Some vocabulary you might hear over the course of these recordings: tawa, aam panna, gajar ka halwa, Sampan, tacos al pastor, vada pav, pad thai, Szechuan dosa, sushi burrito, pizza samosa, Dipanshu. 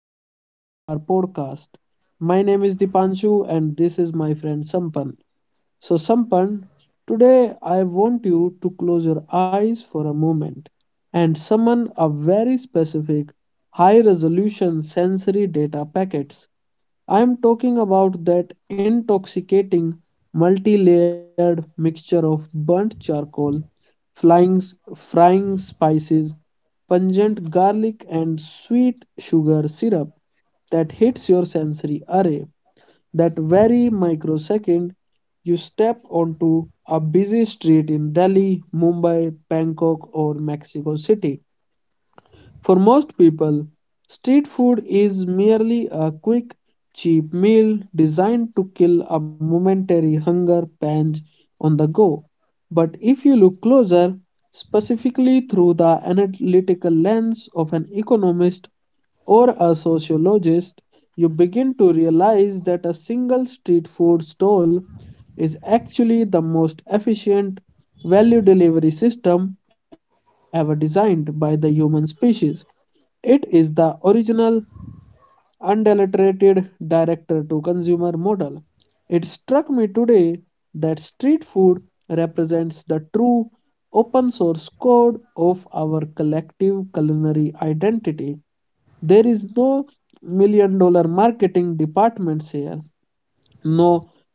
welcome back to our podcast. My name is Dipanshu, and this is my friend Sampan. So, Sampan, today I want you to close your eyes for a moment and summon a very specific high resolution sensory data packets. I am talking about that intoxicating multi layered mixture of burnt charcoal flying, frying spices, pungent garlic, and sweet sugar syrup that hits your sensory array. That very microsecond you step onto a busy street in Delhi, Mumbai, Bangkok, or Mexico City. For most people, street food is merely a quick, cheap meal designed to kill a momentary hunger pange on the go. But if you look closer, specifically through the analytical lens of an economist or a sociologist, you begin to realize that a single street food stall is actually the most efficient value delivery system ever designed by the human species. It is the original unadulterated direct-to-consumer model. It struck me today that street food represents the true open source code of our collective culinary identity. There is no $1 million marketing departments here, no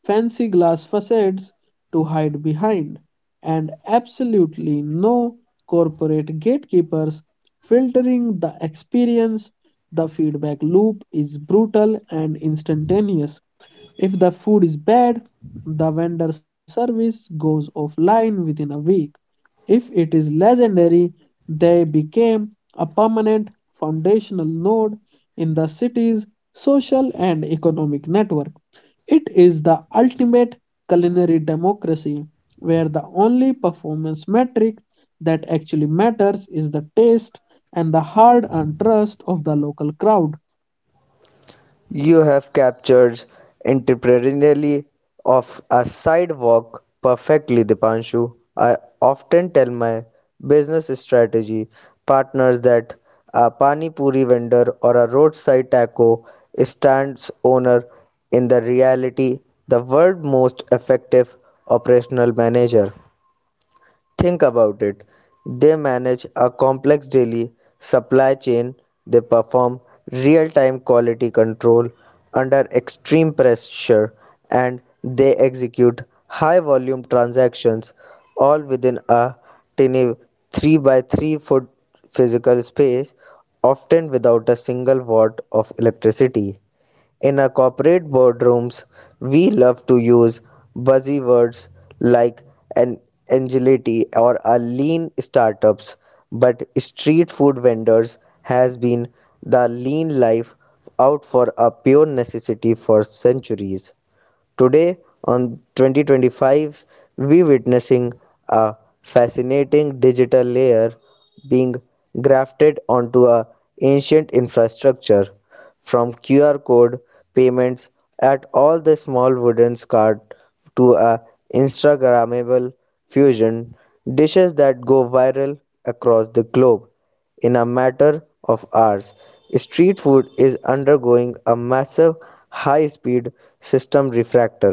fancy glass facades to hide behind, and absolutely no corporate gatekeepers filtering the experience. The feedback loop is brutal and instantaneous. If the food is bad, the vendor service goes offline within a week. If it is legendary, they became a permanent foundational node in the city's social and economic network. It is the ultimate culinary democracy where the only performance metric that actually matters is the taste and the hard earned trust of the local crowd. You have captured entrepreneurially of a sidewalk perfectly, Dipanshu. I often tell my business strategy partners that a pani puri vendor or a roadside taco stands owner in the reality the world most effective operational manager. Think about it. They manage a complex daily supply chain, they perform real time quality control under extreme pressure, and they execute high volume transactions all within a tiny 3 by 3 foot physical space, often without a single watt of electricity. In our corporate boardrooms, we love to use buzzy words like an agility or a lean startups, but street food vendors has been the lean life out for a pure necessity for centuries. Today on 2025 we witnessing a fascinating digital layer being grafted onto a ancient infrastructure from QR code payments at all the small wooden cart to a instagrammable fusion dishes that go viral across the globe in a matter of hours, street food is undergoing a massive high speed system refractor.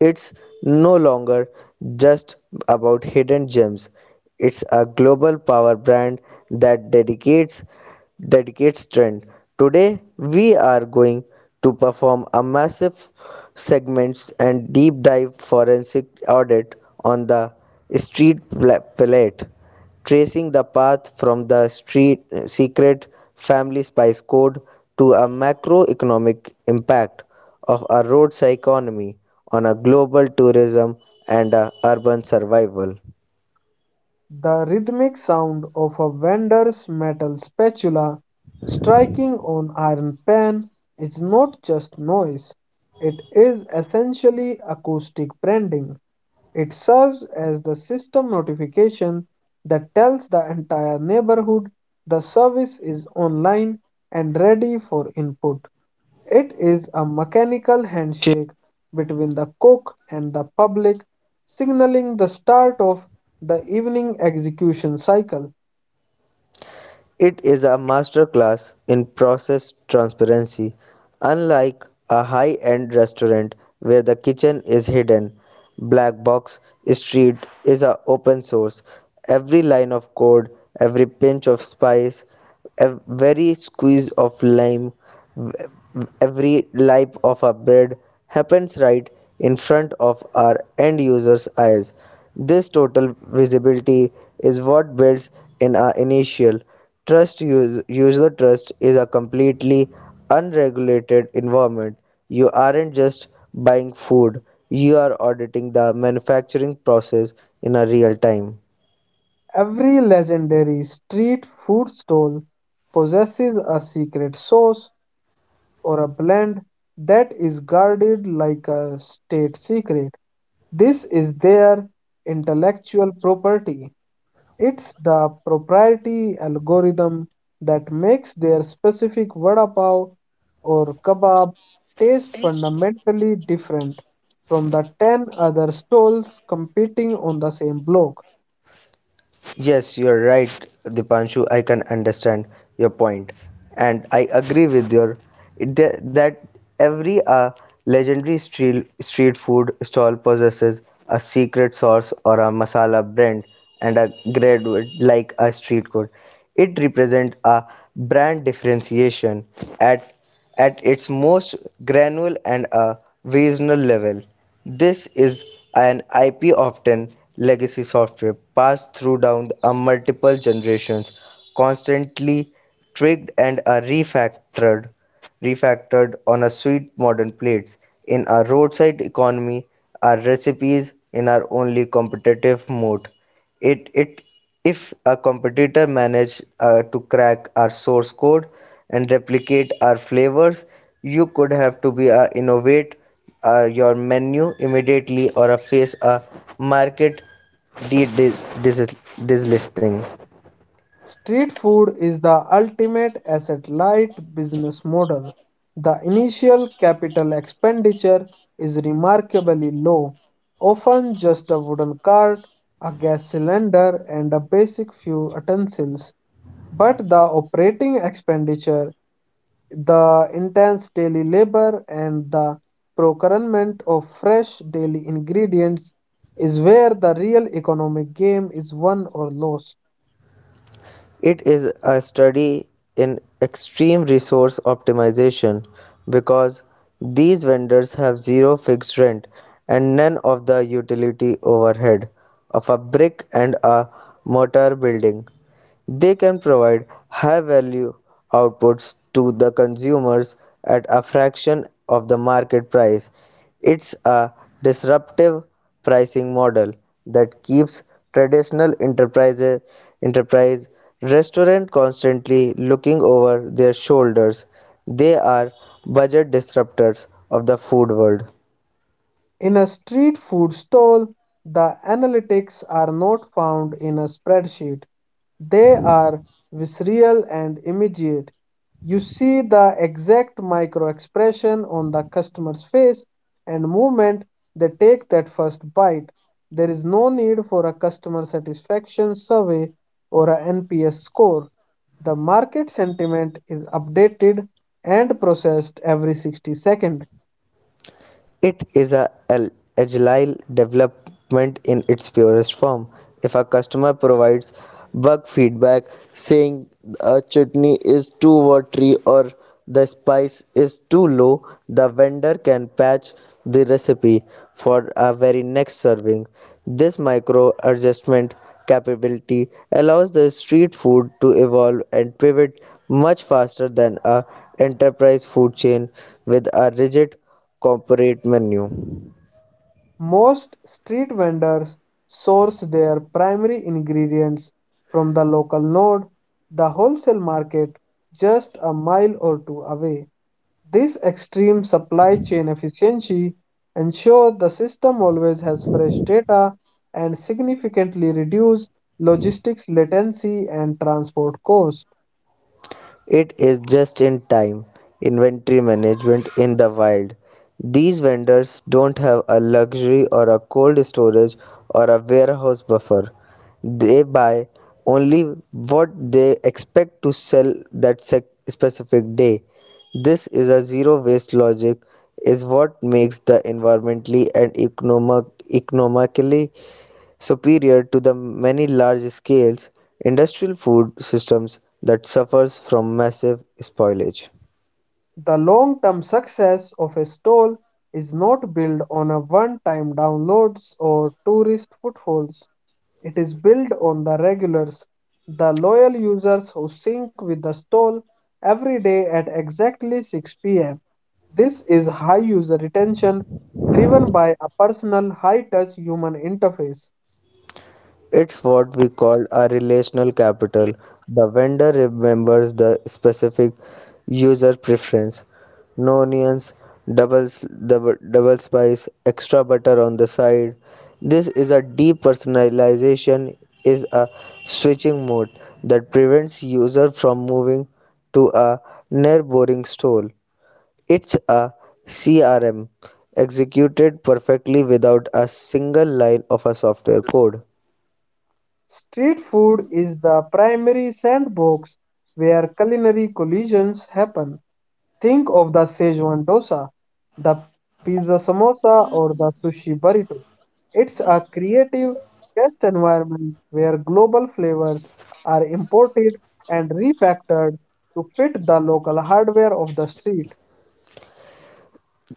It's no longer just about hidden gems. It's a global power brand that dedicates trend. Today we are going to perform a massive segments and deep dive forensic audit on the street palette, tracing the path from the street, secret family spice code to a macroeconomic impact of a roads economy on a global tourism and a urban survival. The rhythmic sound of a vendor's metal spatula striking on iron pan is not just noise, it is essentially acoustic branding. It serves as the system notification that tells the entire neighborhood the service is online and ready for input. It is a mechanical handshake between the cook and the public, signaling the start of the evening execution cycle. It is a masterclass in process transparency, unlike a high end restaurant where the kitchen is hidden. Black Box Street is a open source. Every line of code, every pinch of spice, ev- every squeeze of lime, every life of a bread happens right in front of our end user's eyes. This total visibility is what builds in our initial trust. User trust is a completely unregulated environment. You aren't just buying food, you are auditing the manufacturing process in a real time. Every legendary street food stall possesses a secret sauce or a blend that is guarded like a state secret. This is their intellectual property. It's the proprietary algorithm that makes their specific vada pav or kebab taste fundamentally different from the 10 other stalls competing on the same block. Yes, you're right, Dipanshu. I can understand your point, and I agree with your that every legendary street food stall possesses a secret sauce or a masala brand and a graduate like a street code. It represents a brand differentiation at at its most granular and a regional level. This is an IP often legacy software passed through down a multiple generations, constantly tweaked and are refactored on a sweet modern plates. In our roadside economy, our recipes in our only competitive mode. It if a competitor managed to crack our source code and replicate our flavors, you could have to be innovate your menu immediately or face a market de- dis- dis- dislisting. Street food is the ultimate asset-light business model. The initial capital expenditure is remarkably low, often just a wooden cart, a gas cylinder, and a basic few utensils. But the operating expenditure, the intense daily labor, and the procurement of fresh daily ingredients is where the real economic game is won or lost. It is a study in extreme resource optimization because these vendors have zero fixed rent and none of the utility overhead of a brick and a mortar building. They can provide high value outputs to the consumers at a fraction of the market price. It's a disruptive pricing model that keeps traditional enterprise restaurant constantly looking over their shoulders. They are budget disruptors of the food world. In a street food stall, the analytics are not found in a spreadsheet. They are visceral and immediate. You see the exact micro expression on the customer's face and movement they take that first bite. There is no need for a customer satisfaction survey or a NPS score. The market sentiment is updated and processed every 60 seconds. It is a agile development in its purest form. If a customer provides bug feedback saying a chutney is too watery or the spice is too low, the vendor can patch the recipe for a very next serving. This micro adjustment capability allows the street food to evolve and pivot much faster than a enterprise food chain with a rigid corporate menu. Most street vendors source their primary ingredients from the local node, the wholesale market just a mile or two away. This extreme supply chain efficiency ensures the system always has fresh data and significantly reduces logistics latency and transport cost. It is just in time inventory management in the wild. These vendors don't have a luxury or a cold storage or a warehouse buffer. They buy only what they expect to sell that specific day. This is a zero waste logic is what makes the environmentally and economically superior to the many large-scale industrial food systems that suffers from massive spoilage. The long-term success of a stall is not built on a one-time downloads or tourist footfalls. It is built on the regulars, the loyal users who sync with the stall every day at exactly 6 pm. This is high user retention driven by a personal high touch human interface. It's what we call a relational capital. The vendor remembers the specific user preference. No onions, double spice, extra butter on the side. This is a depersonalization is a switching mode that prevents user from moving to a near boring stall. It's a CRM executed perfectly without a single line of a software code. Street food is the primary sandbox where culinary collisions happen. Think of the Szechuan dosa, the pizza samosa, or the sushi burrito. It's a creative test environment where global flavors are imported and refactored to fit the local hardware of the street.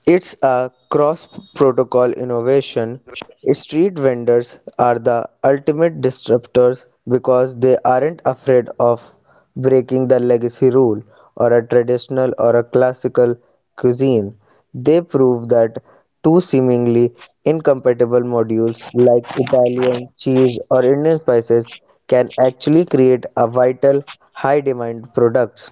It's a cross protocol innovation. Street vendors are the ultimate disruptors because they aren't afraid of breaking the legacy rule or a traditional or a classical cuisine. They prove that two seemingly incompatible modules like Italian cheese or Indian spices can actually create a vital high demand products.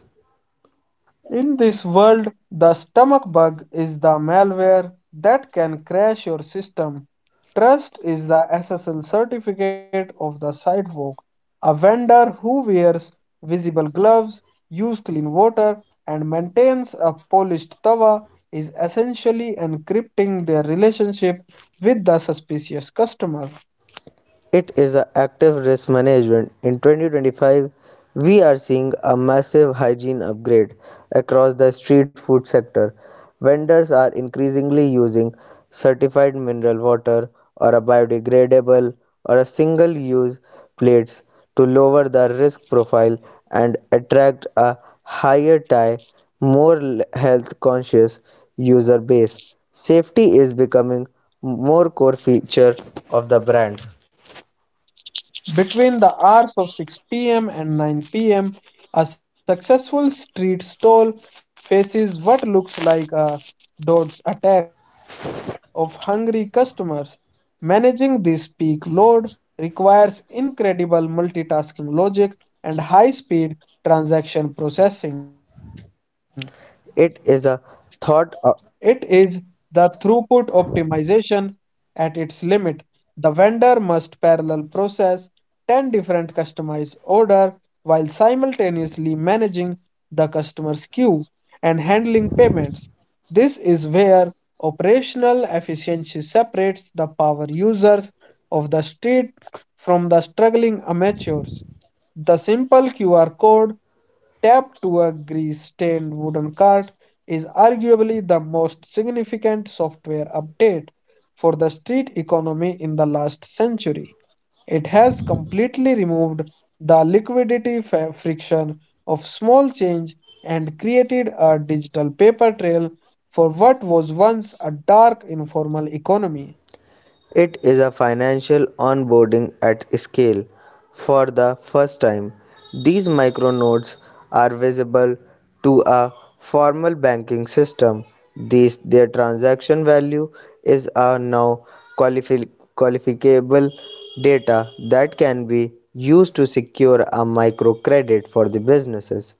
In this world, the stomach bug is the malware that can crash your system. Trust is the SSL certificate of the sidewalk. A vendor who wears visible gloves, uses clean water, and maintains a polished tawa is essentially encrypting their relationship with the suspicious customer. It is a active risk management. In 2025, we are seeing a massive hygiene upgrade across the street food sector. Vendors are increasingly using certified mineral water or a biodegradable or a single use plates to lower the risk profile and attract a higher tie, more health conscious user base. Safety is becoming more core feature of the brand. Between the hours of 6 p.m. and 9 p.m., a successful street stall faces what looks like a dog's attack of hungry customers. Managing this peak load requires incredible multitasking logic and high speed transaction processing. It is a thought. uh, It is the throughput optimization at its limit. The vendor must parallel process 10 different customized orders while simultaneously managing the customer's queue and handling payments. This is where operational efficiency separates the power users of the street from the struggling amateurs. The simple QR code tapped to a grease stained wooden cart is arguably the most significant software update for the street economy in the last century. It has completely removed the liquidity friction of small change and created a digital paper trail for what was once a dark informal economy. it is a financial onboarding at scale. For the first time, these micronodes are visible to a formal banking system. These their transaction value is a now qualifi- qualifiable data that can be used to secure a microcredit for the businesses.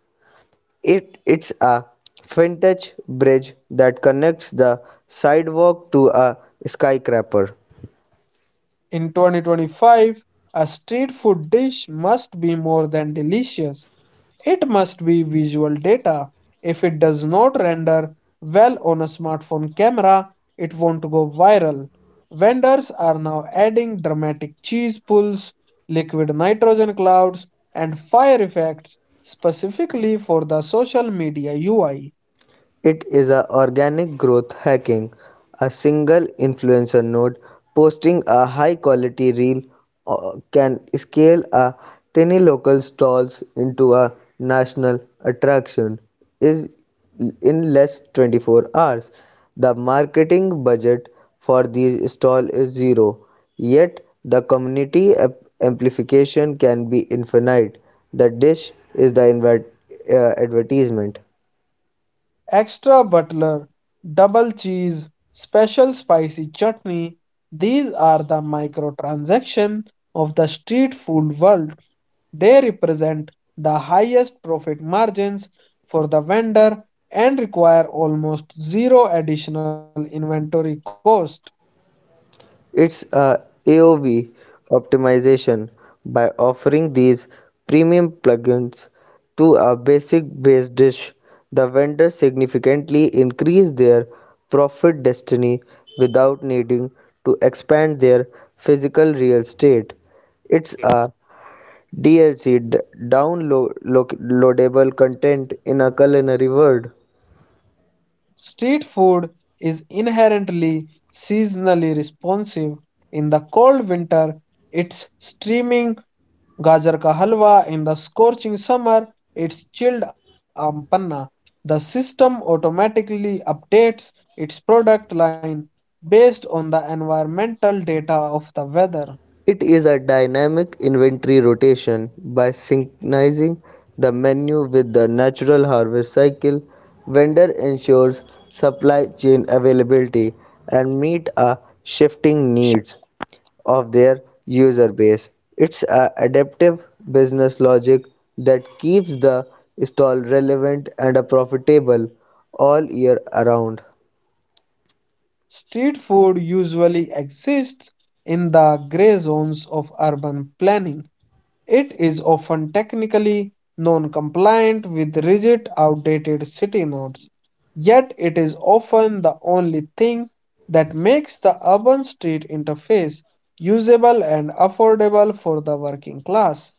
It's a vintage bridge that connects the sidewalk to a skyscraper. In 2025, a street food dish must be more than delicious. It must be visual data. If it does not render well on a smartphone camera, it won't go viral. Vendors are now adding dramatic cheese pulls, liquid nitrogen clouds, and fire effects specifically for the social media UI. It is a organic growth hacking, a single influencer node posting a high quality reel can scale a tiny local stalls into a national attraction is in less 24 hours. The marketing budget for these stall is zero, yet the community amplification can be infinite. The dish is the advertisement. Extra butler, double cheese, special spicy chutney. These are the microtransaction of the street food world. They represent the highest profit margins for the vendor and require almost zero additional inventory cost. It's a AOV optimization by offering these premium plugins to a basic base dish. The vendor significantly increase their profit destiny without needing to expand their physical real estate. It's a DLC downloadable content in a culinary world. Street food is inherently seasonally responsive. In the cold winter, it's steaming gajar ka halwa. In the scorching summer, it's chilled aam panna. The system automatically updates its product line based on the environmental data of the weather. It is a dynamic inventory rotation by synchronizing the menu with the natural harvest cycle. Vendor ensures supply chain availability and meet a shifting needs of their user base. It's a adaptive business logic that keeps the stall relevant and profitable all year around. Street food usually exists in the gray zones of urban planning. It is often technically non-compliant with rigid, outdated city norms, yet it is often the only thing that makes the urban street interface usable and affordable for the working class.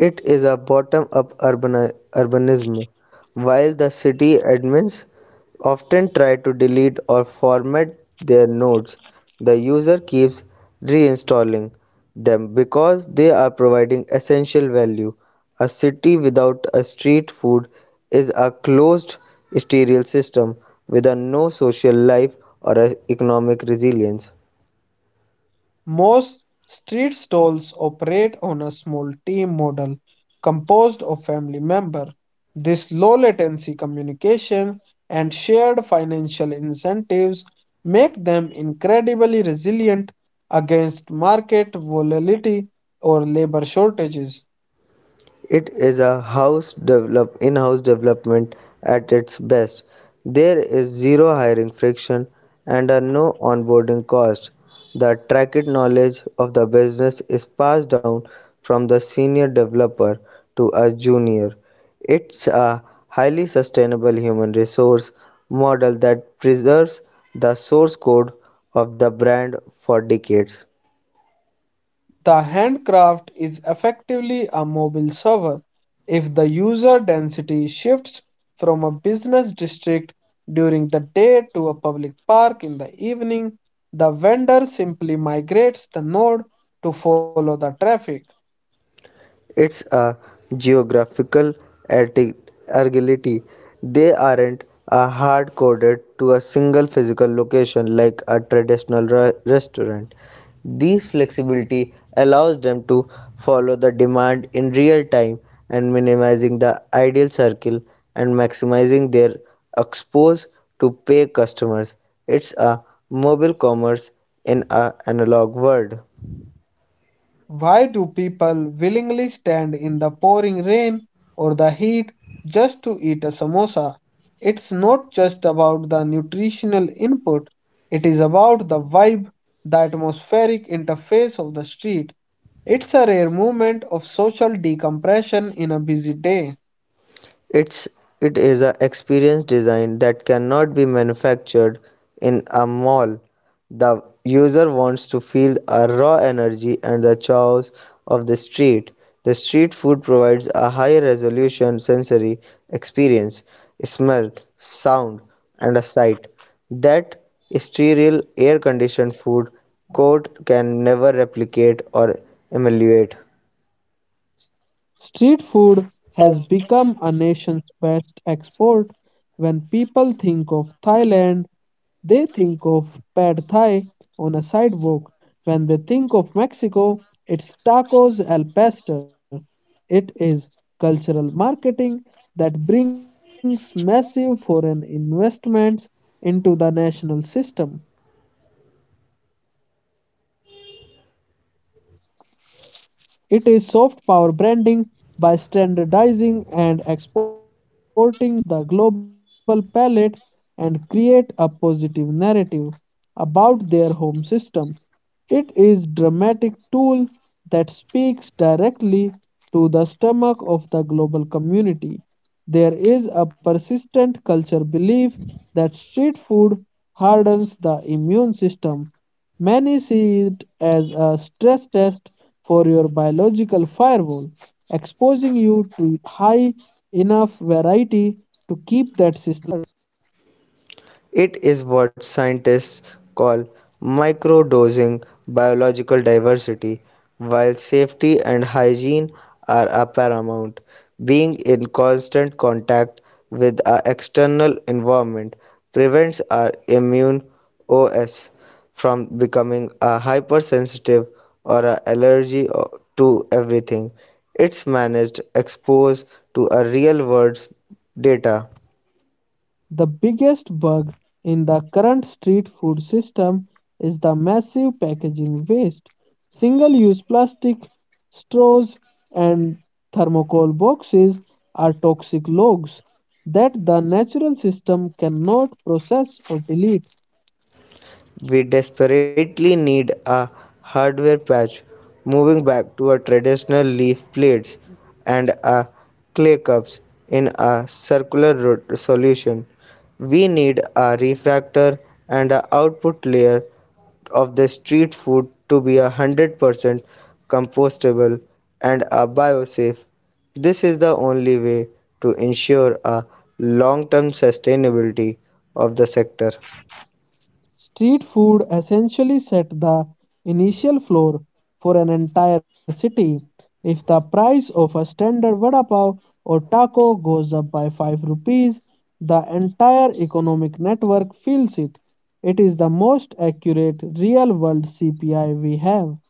It is a bottom-up urbanism, while the city admins often try to delete or format their nodes. The user keeps reinstalling them because they are providing essential value. A city without a street food is a closed sterile system with a no social life or a economic resilience. Most street stalls operate on a small team model composed of family members. This low latency communication and shared financial incentives make them incredibly resilient against market volatility or labor shortages. It is a house develop in-house development at its best. There is zero hiring friction and are no onboarding cost. The attracted knowledge of the business is passed down from the senior developer to a junior. It's a highly sustainable human resource model that preserves the source code of the brand for decades. The handcraft is effectively a mobile server. If the user density shifts from a business district during the day to a public park in the evening, the vendor simply migrates the node to follow the traffic. It's a geographical atti- agility. They aren't hard coded to a single physical location like a traditional restaurant. This flexibility allows them to follow the demand in real time and minimizing the ideal circle and maximizing their exposure to pay customers. It's a mobile commerce in an analog world. Why do people willingly stand in the pouring rain or the heat just to eat a samosa? It's not just about the nutritional input, it is about the vibe, the atmospheric interface of the street. It's a rare moment of social decompression in a busy day. It's it is a experience design that cannot be manufactured in a mall. The user wants to feel a raw energy and the chaos of the street. The street food provides a high resolution sensory experience, smell, sound, and a sight that sterile air conditioned food court can never replicate or emulate. Street food has become a nation's best export. When people think of Thailand, they think of pad thai on a sidewalk. When they think of Mexico, it's tacos al pastor. It is cultural marketing that brings massive foreign investments into the national system. It is soft power branding by standardizing and exporting these culinary protocols. Countries can influence the global palate and create a positive narrative about their home system. It is dramatic tool that speaks directly to the stomach of the global community. There is a persistent culture belief that street food hardens the immune system. Many see it as a stress test for your biological firewall, exposing you to high enough variety to keep that system. It is what scientists call microdosing biological diversity, while safety and hygiene are a paramount. Being in constant contact with our external environment prevents our immune OS from becoming a hypersensitive or a allergy to everything. It's managed exposed to a real world data. The biggest bug in the current street food system is the massive packaging waste. Single use plastic, straws, and thermocol boxes are toxic logs that the natural system cannot process or delete. We desperately need a hardware patch, moving back to our traditional leaf plates and a clay cups in a circular solution. We need a refractor and an output layer of the street food to be a 100% compostable and a biosafe. This is the only way to ensure a long-term sustainability of the sector. Street food essentially set the initial floor for an entire city. If the price of a standard vada pav or taco goes up by 5 rupees, the entire economic network feels it. It is the most accurate real world CPI we have.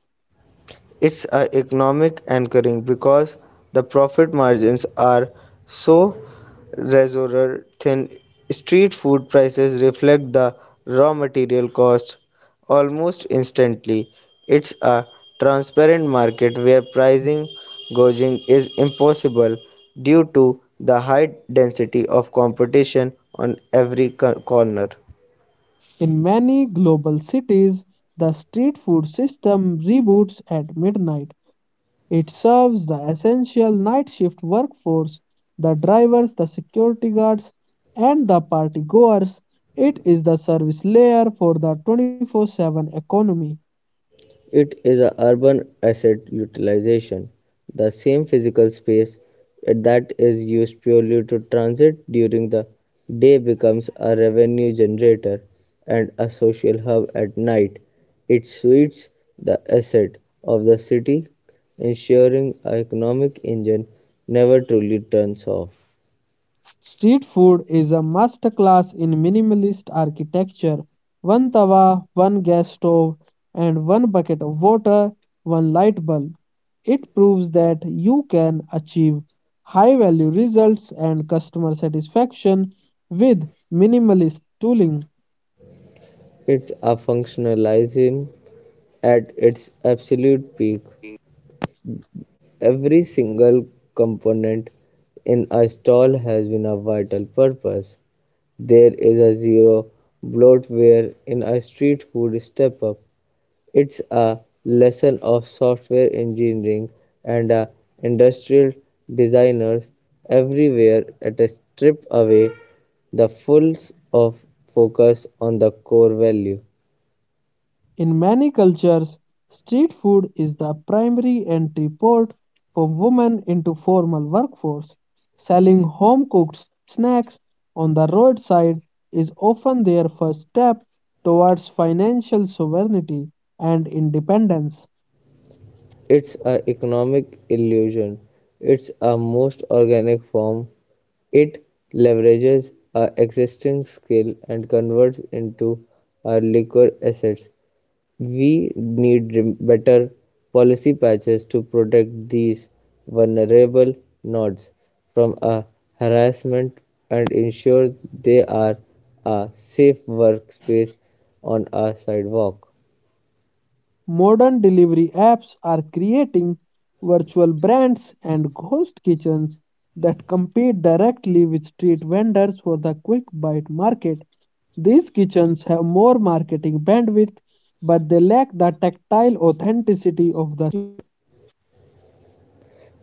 It's a economic anchoring because the profit margins are so razor thin. Street food prices reflect the raw material cost almost instantly. It's a transparent market where pricing gouging is impossible due to the high density of competition on every corner. In many global cities, the street food system reboots at midnight. It serves the essential night shift workforce, the drivers, the security guards, and the party goers. It is the service layer for the 24/7 economy. It is an urban asset utilization, the same physical space that is used purely to transit during the day becomes a revenue generator and a social hub at night. It suits the asset of the city, ensuring an economic engine never truly turns off. Street food is a masterclass in minimalist architecture. One tawa, one gas stove, and one bucket of water, one light bulb. It proves that you can achieve high value results and customer satisfaction with minimalist tooling. It's a functionalism at its absolute peak. Every single component in a stall has been a vital purpose. There is a zero bloatware in a street food step up. It's a lesson of software engineering and industrial designers everywhere at a strip away the fulls of focus on the core value. In many cultures, street food is the primary entry port for women into formal workforce. Selling home-cooked snacks on the roadside is often their first step towards financial sovereignty and independence. It's a economic illusion. It's a most organic form. It leverages our existing skill and converts into our liquor assets. We need better policy patches to protect these vulnerable nodes from a harassment and ensure they are a safe workspace on a sidewalk. Modern delivery apps are creating virtual brands and ghost kitchens that compete directly with street vendors for the quick bite market. These kitchens have more marketing bandwidth, but they lack the tactile authenticity of the.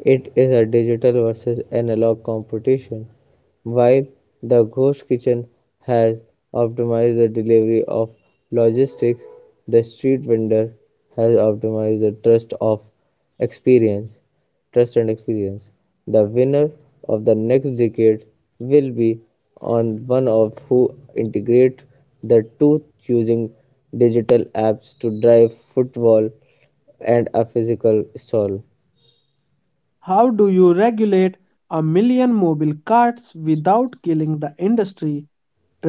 It is a digital versus analog competition. While the ghost kitchen has optimized the delivery of logistics, the street vendor has optimized the trust of experience, trust and experience. The winner of the next decade will be on one of who integrate the two using digital apps to drive football and a physical stall. How do you regulate a million mobile carts without killing the industry?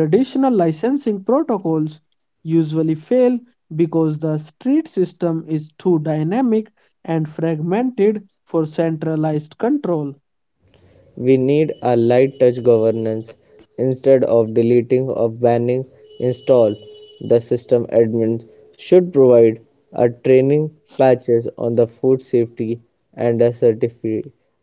Traditional licensing protocols usually fail because the street system is too dynamic and fragmented for centralized control. We need a light touch governance instead of deleting or banning install. The system admins should provide a training patches on the food safety and a certify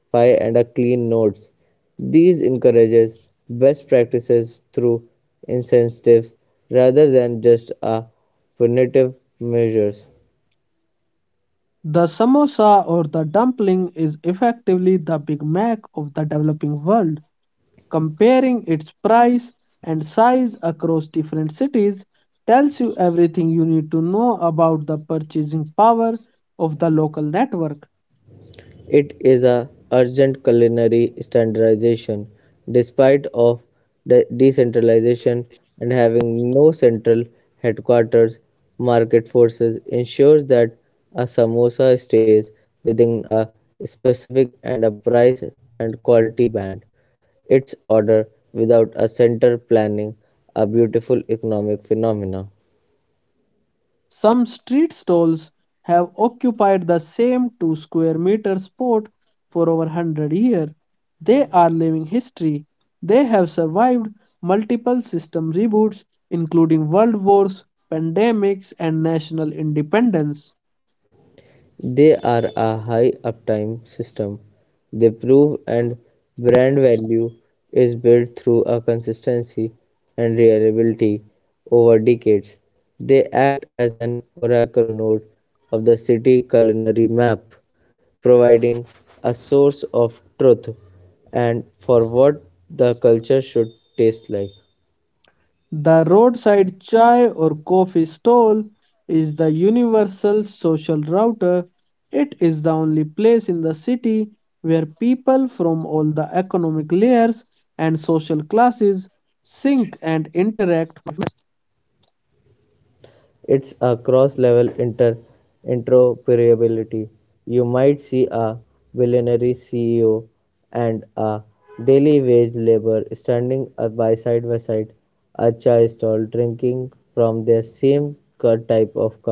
and a clean nodes. These encourages best practices through incentives rather than just a punitive measures. The samosa or the dumpling is effectively the Big Mac of the developing world. Comparing its price and size across different cities tells you everything you need to know about the purchasing power of the local network. It is a urgent culinary standardization, despite of decentralization and having no central headquarters. Market forces ensures that a samosa stays within a specific and a price and quality band. Its order without a center planning a beautiful economic phenomena. Some street stalls have occupied the same 2 square meter spot for over 100 years. They are living history. They have survived multiple system reboots, including world wars, pandemics, and national independence. They are a high uptime system, they prove and brand value is built through a consistency and reliability over decades. They act as an oracle node of the city culinary map, providing a source of truth and for what the culture should taste like. The roadside chai or coffee stall is the universal social router. It is the only place in the city where people from all the economic layers and social classes sync and interact. It's a cross-level interoperability. You might see a billionaire CEO and a daily wage laborer standing by side, a chai stall drinking from the same type of cup.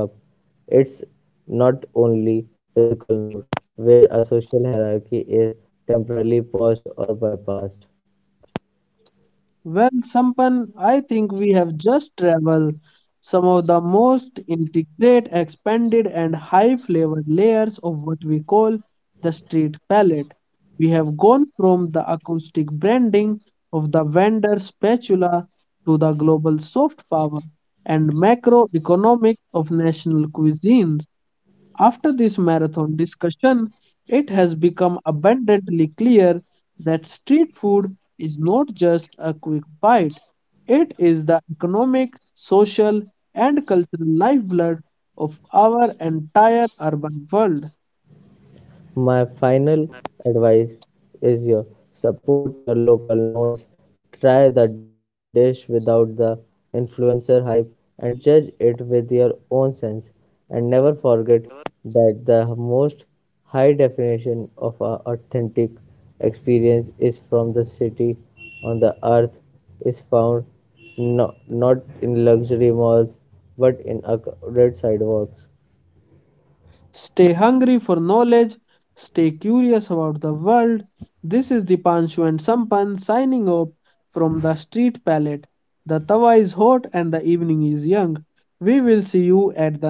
It's not only physical node where a social hierarchy is temporarily paused or bypassed. Well, Sampan, I think we have just traveled some of the most intricate, expanded, and high flavored layers of what we call the street palette. We have gone from the acoustic branding of the vendor spatula to the global soft power and macroeconomics of national cuisines. After this marathon discussion, it has become abundantly clear that street food is not just a quick bite, it is the economic, social, and cultural lifeblood of our entire urban world. My final advice is your support your local nodes, try the dish without the influencer hype and judge it with your own sense and never forget that the most high definition of a authentic experience is from the city on the earth is found, no, not in luxury malls but in a crowded sidewalks. Stay hungry for knowledge, stay curious about the world. This is Dipanshu and Sampan signing off from the street palette. The tawa is hot and the evening is young. We will see you at the